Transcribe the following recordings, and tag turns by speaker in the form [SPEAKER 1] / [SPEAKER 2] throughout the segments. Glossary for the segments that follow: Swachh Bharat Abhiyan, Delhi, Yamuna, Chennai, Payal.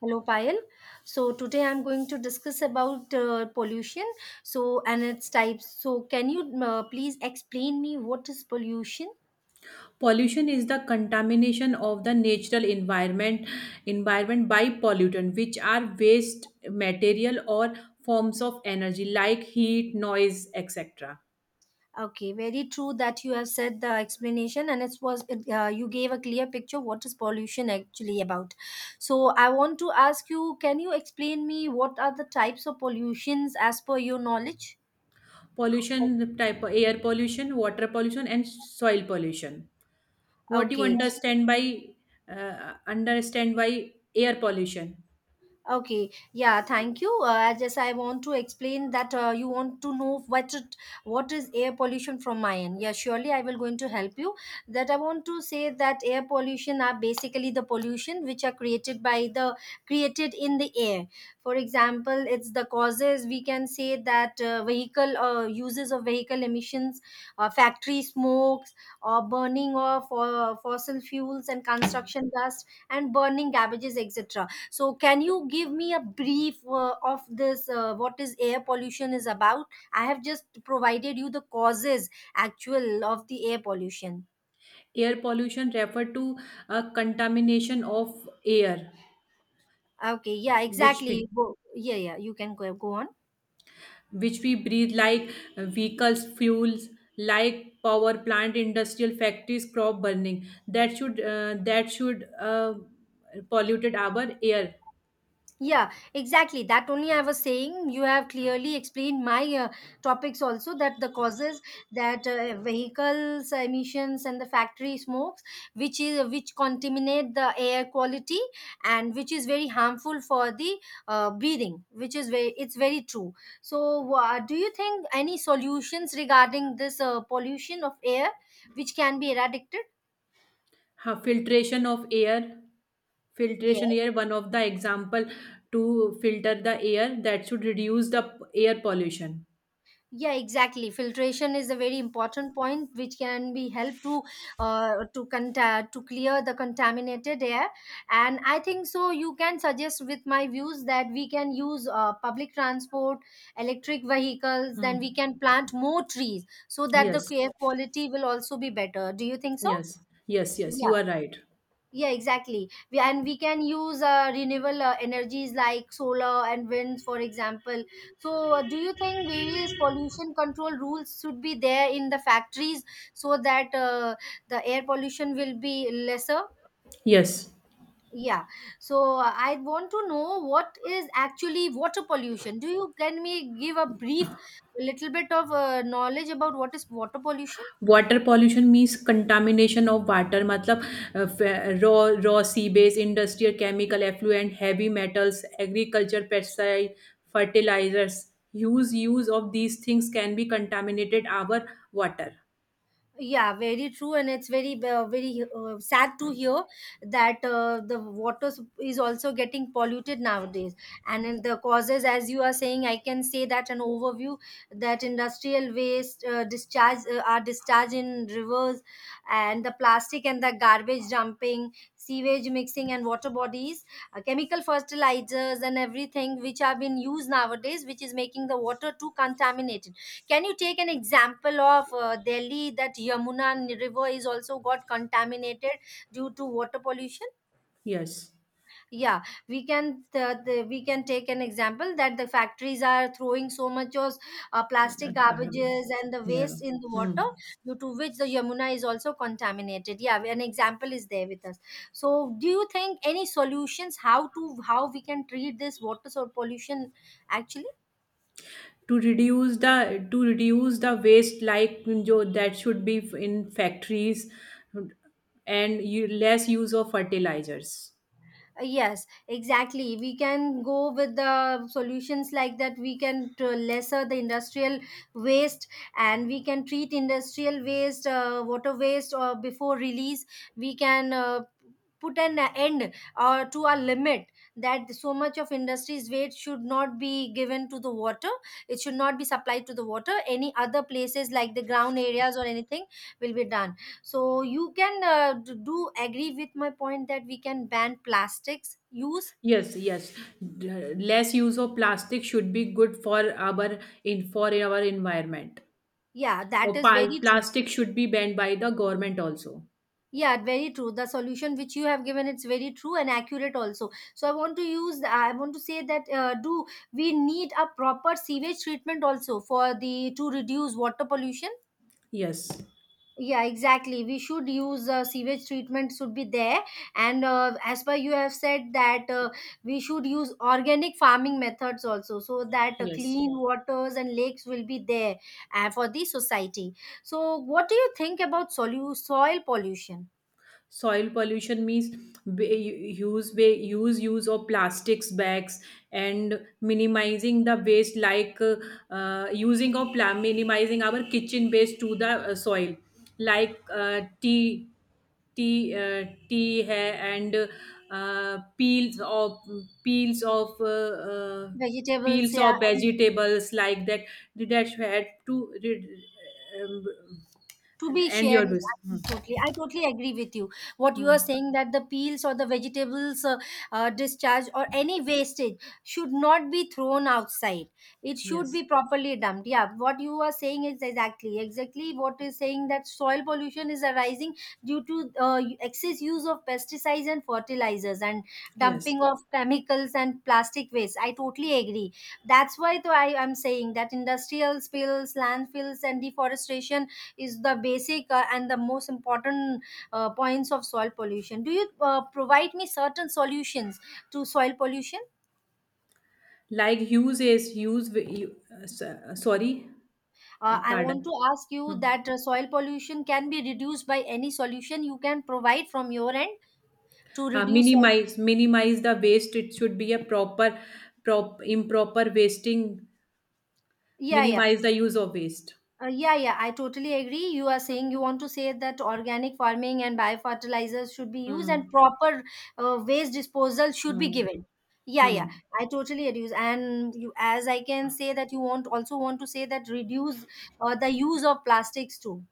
[SPEAKER 1] Hello, Payal. So today I'm going to discuss about pollution. So and its types. So can you please explain me what is pollution?
[SPEAKER 2] Pollution is the contamination of the natural environment by pollutant which are waste material or forms of energy like heat noise etc.
[SPEAKER 1] Okay, very true that you have said the explanation, and it was you gave a clear picture what is pollution actually about. So I want to ask you, can you explain me what are the types of pollutions as per your knowledge?
[SPEAKER 2] Pollution type air pollution water pollution and soil pollution. What do you
[SPEAKER 1] Okay,
[SPEAKER 2] understand by air pollution?
[SPEAKER 1] Okay, yeah, thank you. I want to explain that you want to know what is air pollution from my end. Yeah, surely I will going to help you. That I want to say that air pollution are basically the pollution which are created by the created in the air. For example, it's the causes we can say that vehicle uses of vehicle emissions, factory smokes, or burning of fossil fuels and construction dust and burning garbages, etc. So, can you give me a brief of this? What is air pollution is about? I have just provided you the causes actual of the air pollution.
[SPEAKER 2] Air pollution refer to a contamination of air
[SPEAKER 1] Okay, yeah,
[SPEAKER 2] which
[SPEAKER 1] exactly.
[SPEAKER 2] we-
[SPEAKER 1] Go, yeah, yeah. You can go on.
[SPEAKER 2] which we breathe like vehicles fuels like power plant industrial factories crop burning that should polluted our air.
[SPEAKER 1] Yeah, exactly. That only I was saying. You have clearly explained my topics also that the causes that vehicles emissions and the factory smokes, which contaminate the air quality and which is very harmful for the breathing. Which is very it's very true. So, do you think any solutions regarding this pollution of air which can be eradicated?
[SPEAKER 2] Ha, filtration of air, filtration
[SPEAKER 1] Yes.
[SPEAKER 2] air one of the example to filter the air that should reduce the air pollution.
[SPEAKER 1] Yeah, exactly, filtration is a very important point which can be help to to clear the contaminated air. And I think so you can suggest with my views that we can use public transport, electric vehicles, then
[SPEAKER 2] Hmm.
[SPEAKER 1] we can plant more trees so that the
[SPEAKER 2] Yes,
[SPEAKER 1] air quality will also be better. Do you think so?
[SPEAKER 2] yes, yes, yes, you
[SPEAKER 1] Yeah,
[SPEAKER 2] are right.
[SPEAKER 1] yeah, exactly. And we can use renewable energies like solar and winds, for example. So, do you think various pollution control rules should be there in the factories so that the air pollution will be lesser?
[SPEAKER 2] Yes.
[SPEAKER 1] Yeah. So, I want to know what is actually water pollution. Do you can me give a brief little bit of knowledge about what is water pollution?
[SPEAKER 2] Water pollution means contamination of water. मतलब raw sea base, industrial chemical effluent, heavy metals, agriculture pesticide, fertilizers. Huge use of these things can be contaminated our water.
[SPEAKER 1] Yeah, very true, and it's very sad to hear that the water sup- is also getting polluted nowadays. And in the causes, as you are saying, I can say that an overview that industrial waste discharge are discharged in rivers, and the plastic and the garbage dumping, sewage mixing and water bodies, chemical fertilizers and everything which are being used nowadays, which is making the water too contaminated. Can you take an example of Delhi that Yamuna River is also got contaminated due to water pollution?
[SPEAKER 2] Yes,
[SPEAKER 1] Yeah, we can we can take an example that the factories are throwing so much of plastic
[SPEAKER 2] Garbage.
[SPEAKER 1] garbages and the
[SPEAKER 2] Yeah.
[SPEAKER 1] waste in the
[SPEAKER 2] Hmm.
[SPEAKER 1] water, due to which the Yamuna is also contaminated. Yeah, an example is there with us. So, do you think any solutions how we can treat this water so pollution actually?
[SPEAKER 2] To reduce the waste like jo, that should be in factories, and you, less use of fertilizers.
[SPEAKER 1] Yes, exactly, we can go with the solutions like that lesser the industrial waste, and we can treat industrial waste, water waste, or before release we can put an end or to a limit that so much of industry's waste should not be given to the water. It should not be supplied to the water any other places like the ground areas or anything will be done. So you can do agree with my point that we can ban plastics use.
[SPEAKER 2] Yes, yes. Less use of plastic should be good for our environment.
[SPEAKER 1] Yeah, that
[SPEAKER 2] Or
[SPEAKER 1] is very true.
[SPEAKER 2] plastic should be banned by the government also.
[SPEAKER 1] Yeah, very true, the solution which you have given, it's very true and accurate also. So I want to say that do we need a proper sewage treatment also for the to reduce water pollution?
[SPEAKER 2] Yes,
[SPEAKER 1] Yeah, exactly, we should use sewage treatment should be there. And as per you have said that we should use organic farming methods also so that
[SPEAKER 2] yes.
[SPEAKER 1] clean waters and lakes will be there for the society. So what do you think about soil pollution?
[SPEAKER 2] Soil pollution means b- use ba- use use of plastics bags and minimizing the waste like minimizing our kitchen waste to the soil, like tea hai, and uh, peels of peels of uh, uh,
[SPEAKER 1] Vegetables,
[SPEAKER 2] peels
[SPEAKER 1] yeah.
[SPEAKER 2] of
[SPEAKER 1] And
[SPEAKER 2] vegetables like that, that had um,
[SPEAKER 1] to be
[SPEAKER 2] and
[SPEAKER 1] shared
[SPEAKER 2] your
[SPEAKER 1] is
[SPEAKER 2] this.
[SPEAKER 1] I
[SPEAKER 2] Hmm.
[SPEAKER 1] totally, I totally agree with you what you
[SPEAKER 2] Hmm.
[SPEAKER 1] are saying, that the peels or the vegetables, discharge or any wastage should not be thrown outside, it should be
[SPEAKER 2] Yes.
[SPEAKER 1] properly dumped. Yeah, what you are saying is exactly, exactly what is saying, that soil pollution is arising due to excess use of pesticides and fertilizers and
[SPEAKER 2] Yes.
[SPEAKER 1] dumping of chemicals and plastic waste. I totally agree, that's why though I am saying that industrial spills, landfills and deforestation is the basic and the most important points of soil pollution. Do you provide me certain solutions to soil pollution?
[SPEAKER 2] Like use is use. Wi- you- s- Sorry,
[SPEAKER 1] I want
[SPEAKER 2] pardon.
[SPEAKER 1] to ask you
[SPEAKER 2] Hmm.
[SPEAKER 1] that soil pollution can be reduced by any solution you can provide from your end to
[SPEAKER 2] Uh,
[SPEAKER 1] reduce soil.
[SPEAKER 2] minimize minimize the waste. It should be a proper, prop improper wasting.
[SPEAKER 1] Yeah, yeah.
[SPEAKER 2] Minimize the use of waste.
[SPEAKER 1] Yeah, yeah, I totally agree. You are saying you want to say that organic farming and biofertilizers should be used and
[SPEAKER 2] Hmm.
[SPEAKER 1] proper waste disposal should be
[SPEAKER 2] Hmm.
[SPEAKER 1] given. Yeah, yeah,
[SPEAKER 2] Hmm.
[SPEAKER 1] I totally agree. And as I can say that you want also want to say that reduce the use of plastics too.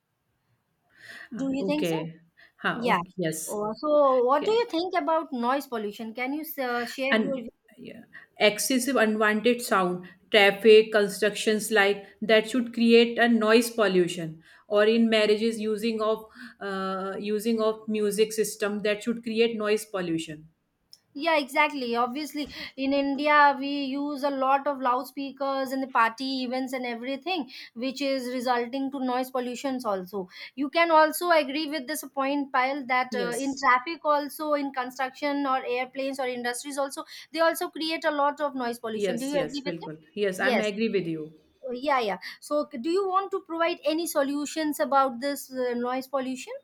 [SPEAKER 1] Do you think so?
[SPEAKER 2] Okay. Huh,
[SPEAKER 1] Yeah.
[SPEAKER 2] okay. Yes.
[SPEAKER 1] So, what do
[SPEAKER 2] Okay.
[SPEAKER 1] you think about noise pollution? Can you share your—
[SPEAKER 2] And yeah, excessive unwanted sound traffic constructions like that should create a noise pollution, or in marriages using of music system, that should create noise pollution.
[SPEAKER 1] Yeah, exactly. Obviously, in India, we use a lot of loudspeakers in the party events and everything, which is resulting to noise pollutions also. You can also agree with this point, Payal, that in
[SPEAKER 2] Yes,
[SPEAKER 1] traffic also, in construction or airplanes or industries also, they also create a lot of noise pollution.
[SPEAKER 2] yes,
[SPEAKER 1] Do you
[SPEAKER 2] yes,
[SPEAKER 1] agree with it?
[SPEAKER 2] bilkul, yes, I'm
[SPEAKER 1] Yes.
[SPEAKER 2] agree with you.
[SPEAKER 1] Yeah, yeah. So, do you want to provide any solutions about this noise pollution?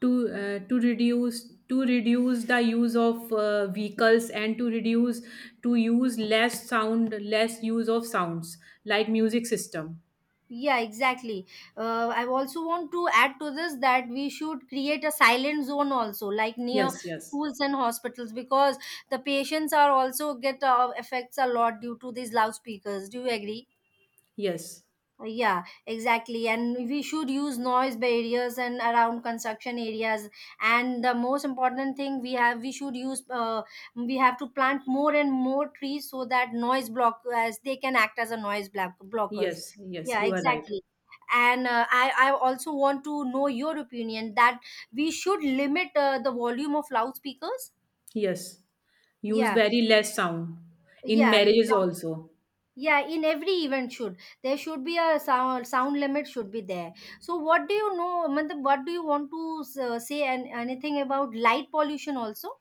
[SPEAKER 2] To uh, to reduce to reduce the use of vehicles, and to reduce, to use less sound, less use of sounds like music system.
[SPEAKER 1] Yeah, exactly. I also want to add to this that we should create a silent zone also, like near
[SPEAKER 2] Yes, yes,
[SPEAKER 1] schools and hospitals, because the patients are also get affects a lot due to these loudspeakers. Do you agree?
[SPEAKER 2] yes.
[SPEAKER 1] Yeah, exactly. And we should use noise barriers and around construction areas. And the most important thing we have, we should use, we have to plant more and more trees so that noise block, as they can act as a noise block blockers.
[SPEAKER 2] Yes, yes,
[SPEAKER 1] Yeah,
[SPEAKER 2] you are right.
[SPEAKER 1] exactly. And I also want to know your opinion that we should limit the volume of loudspeakers.
[SPEAKER 2] Yes, use
[SPEAKER 1] Yeah,
[SPEAKER 2] very less sound in
[SPEAKER 1] yeah,
[SPEAKER 2] marriages
[SPEAKER 1] exactly.
[SPEAKER 2] also.
[SPEAKER 1] Yeah, in every event should there should be a sound limit should be there. So what do you know matlab, what do you want to say and anything about light pollution also?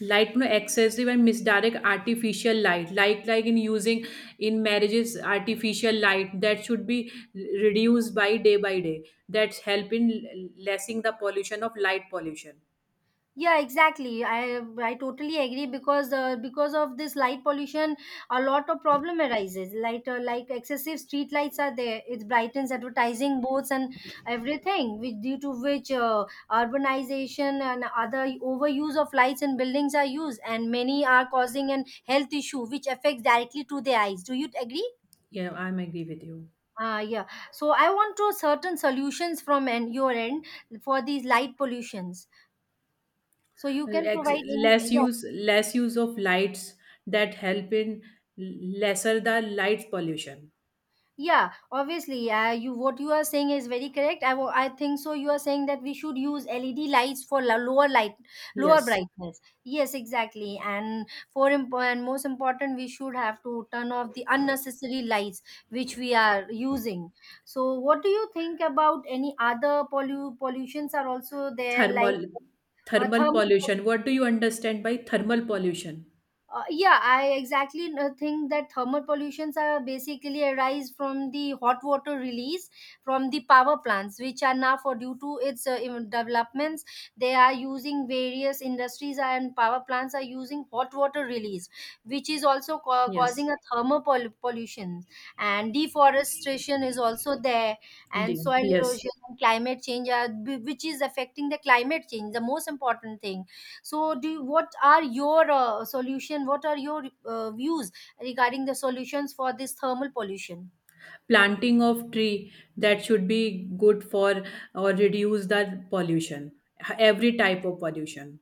[SPEAKER 2] Light, no excessive and misdirect artificial light. Like in using in marriages artificial light, that should be reduced by day by day. That's help in lessing the pollution of light pollution.
[SPEAKER 1] Yeah, exactly, I totally agree, because of this light pollution a lot of problem arises. Light Like excessive street lights are there, it brightens advertising boards and everything, which due to which urbanization and other overuse of lights in buildings are used, and many are causing an health issue which affects directly to the eyes. Do you agree?
[SPEAKER 2] Yeah, I'm agree with you.
[SPEAKER 1] Ah, yeah. So I want to certain solutions from an, your end for these light pollutions. So you can
[SPEAKER 2] Ex-
[SPEAKER 1] provide any.
[SPEAKER 2] Less
[SPEAKER 1] Yeah.
[SPEAKER 2] use of lights, that help in lesser the light pollution.
[SPEAKER 1] Yeah, obviously, you, what you are saying is very correct. I think so. You are saying that we should use LED lights for lower light, lower
[SPEAKER 2] Yes.
[SPEAKER 1] brightness. Yes, exactly. And for imp- and most important, we should have to turn off the unnecessary lights which we are using. So, what do you think about any other pollutions are also there, like
[SPEAKER 2] Thermal Thermal
[SPEAKER 1] thermal?
[SPEAKER 2] pollution. What do you understand by thermal pollution?
[SPEAKER 1] Yeah, I exactly think that thermal pollutions are basically arise from the hot water release from the power plants, which are now for due to its developments, they are using various industries and power plants are using hot water release, which is also causing
[SPEAKER 2] Yes.
[SPEAKER 1] a pollution. And deforestation is also there, and
[SPEAKER 2] Dear.
[SPEAKER 1] soil
[SPEAKER 2] Yes.
[SPEAKER 1] erosion and climate change are which is affecting the climate change, the most important thing. So what are your solution, what are your views regarding the solutions for this thermal pollution?
[SPEAKER 2] Planting of tree, that should be good for or reduce the pollution. Every type of pollution.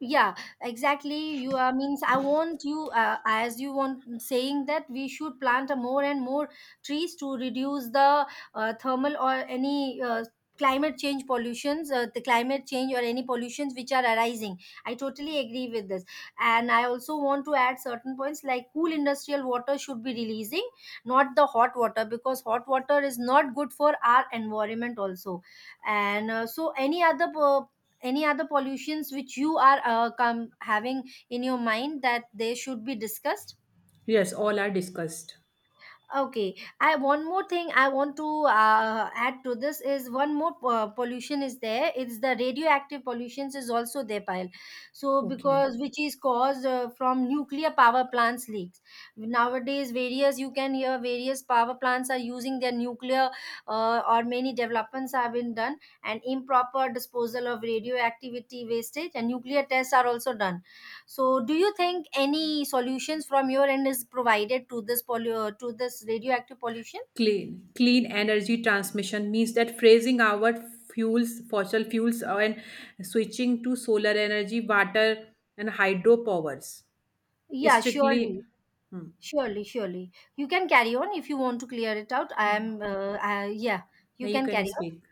[SPEAKER 1] Yeah, exactly, you means I want you as you want, saying that we should plant a more and more trees to reduce the thermal or any climate change pollutions, the climate change or any pollutions which are arising. I totally agree with this, and I also want to add certain points like cool industrial water should be releasing, not the hot water, because hot water is not good for our environment also. And so any other, any other pollutions which you are come having in your mind, that they should be discussed.
[SPEAKER 2] Yes, all are discussed.
[SPEAKER 1] Okay. I one more thing, I want to add to this is one more pollution is there, it's the radioactive pollutions is also there, pile. So
[SPEAKER 2] Okay.
[SPEAKER 1] because which is caused from nuclear power plants leaks. Nowadays, various, you can hear various power plants are using their nuclear, or many developments have been done, and improper disposal of radioactivity wastage and nuclear tests are also done. So, do you think any solutions from your end is provided to to this radioactive pollution?
[SPEAKER 2] Clean. Clean energy transmission, means that phasing our fuels, fossil fuels, and switching to solar energy, water, and hydropowers.
[SPEAKER 1] Yeah, surely,
[SPEAKER 2] Strictly. Hmm.
[SPEAKER 1] surely, surely. You can carry on if you want to clear it out. I, yeah, you
[SPEAKER 2] Now you
[SPEAKER 1] can
[SPEAKER 2] can
[SPEAKER 1] carry on.
[SPEAKER 2] speak.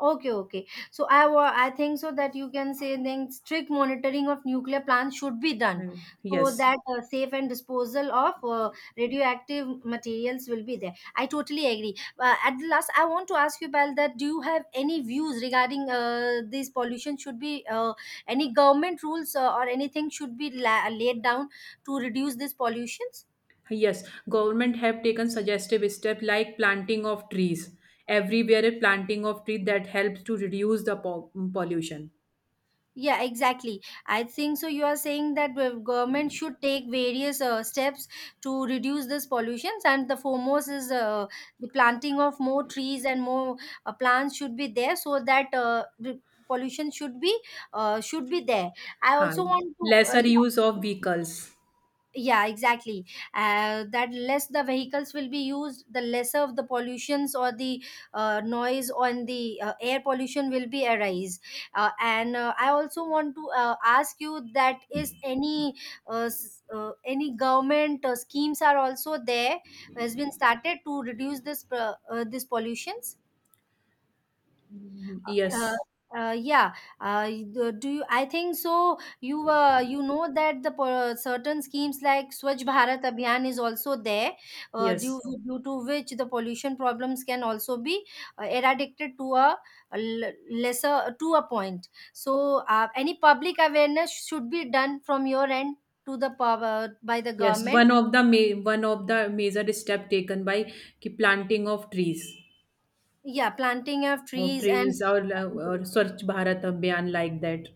[SPEAKER 1] Okay, okay. So I I think so that you can say then strict monitoring of nuclear plants should be done,
[SPEAKER 2] No.
[SPEAKER 1] so
[SPEAKER 2] Yes.
[SPEAKER 1] that safe and disposal of radioactive materials will be there. I totally agree. At the last, I want to ask you, Pal, that do you have any views regarding this pollution? Should be any government rules or anything should be laid down to reduce these pollutions?
[SPEAKER 2] Yes. Government have taken suggestive steps like planting of trees. Everywhere a planting of tree, that helps to reduce the pollution.
[SPEAKER 1] Yeah, exactly. I think so. You are saying that the government should take various steps to reduce this pollutions, and the foremost is the planting of more trees and more plants should be there, so that the pollution should be there. I
[SPEAKER 2] Huh.
[SPEAKER 1] also want to
[SPEAKER 2] Lesser use of vehicles.
[SPEAKER 1] yeah, exactly, that less the vehicles will be used, the lesser of the pollutions or the noise on the air pollution will be arise. And I also want to ask you that is any any government schemes are also there, has been started to reduce this this pollutions. uh,
[SPEAKER 2] Yes.
[SPEAKER 1] yeah. uh, do you I think so, you you know that certain schemes like Swachh Bharat Abhiyan is also there, uh, due
[SPEAKER 2] Yes.
[SPEAKER 1] due to which the pollution problems can also be eradicated to a l- lesser, to a point. So any public awareness should be done from your end to by the
[SPEAKER 2] Yes.
[SPEAKER 1] government.
[SPEAKER 2] One of the major step taken by ki planting of trees.
[SPEAKER 1] Yeah, planting of
[SPEAKER 2] Of
[SPEAKER 1] trees. And
[SPEAKER 2] trees, or Swachh Bharat Abhiyan like that.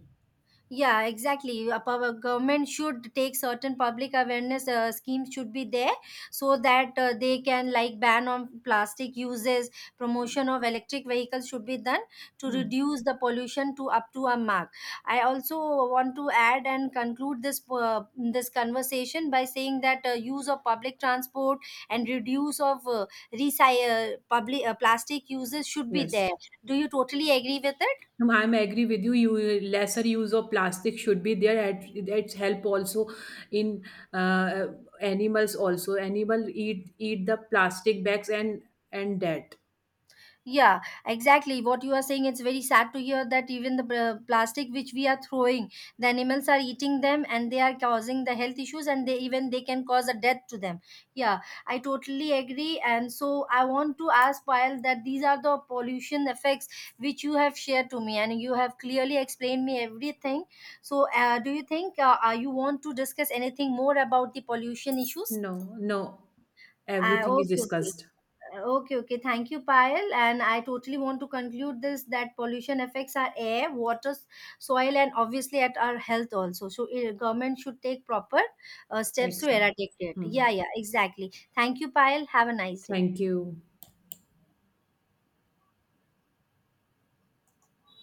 [SPEAKER 1] yeah, exactly. A power government should take certain public awareness schemes should be there, so that they can, like, ban on plastic uses, promotion of electric vehicles should be done to
[SPEAKER 2] Hmm.
[SPEAKER 1] reduce the pollution to up to a mark. I also want to add and conclude this this conversation by saying that use of public transport and reduce of public plastic uses should be
[SPEAKER 2] Yes.
[SPEAKER 1] there. Do you totally agree with it?
[SPEAKER 2] I'm agree with you. You, lesser use of plastic should be there. It's help also in uh, animals also. Animal eat the plastic bags and that.
[SPEAKER 1] Yeah, exactly. What you are saying, it's very sad to hear that even the plastic which we are throwing, the animals are eating them and they are causing the health issues, and they, even they, can cause a death to them. Yeah, I totally agree. And so I want to ask Payal that these are the pollution effects which you have shared to me and you have clearly explained me everything. So do you think you want to discuss anything more about the pollution issues?
[SPEAKER 2] No, no,
[SPEAKER 1] Uh,
[SPEAKER 2] everything is
[SPEAKER 1] okay, okay.
[SPEAKER 2] discussed.
[SPEAKER 1] Okay, okay. Thank you, Payal. And I totally want to conclude this that pollution affects our air, water, soil, and obviously at our health also. So, eh, government should take proper steps to
[SPEAKER 2] Excellent.
[SPEAKER 1] eradicate it.
[SPEAKER 2] Hmm.
[SPEAKER 1] Yeah, yeah, exactly. Thank you, Payal. Have a nice day.
[SPEAKER 2] Thank you.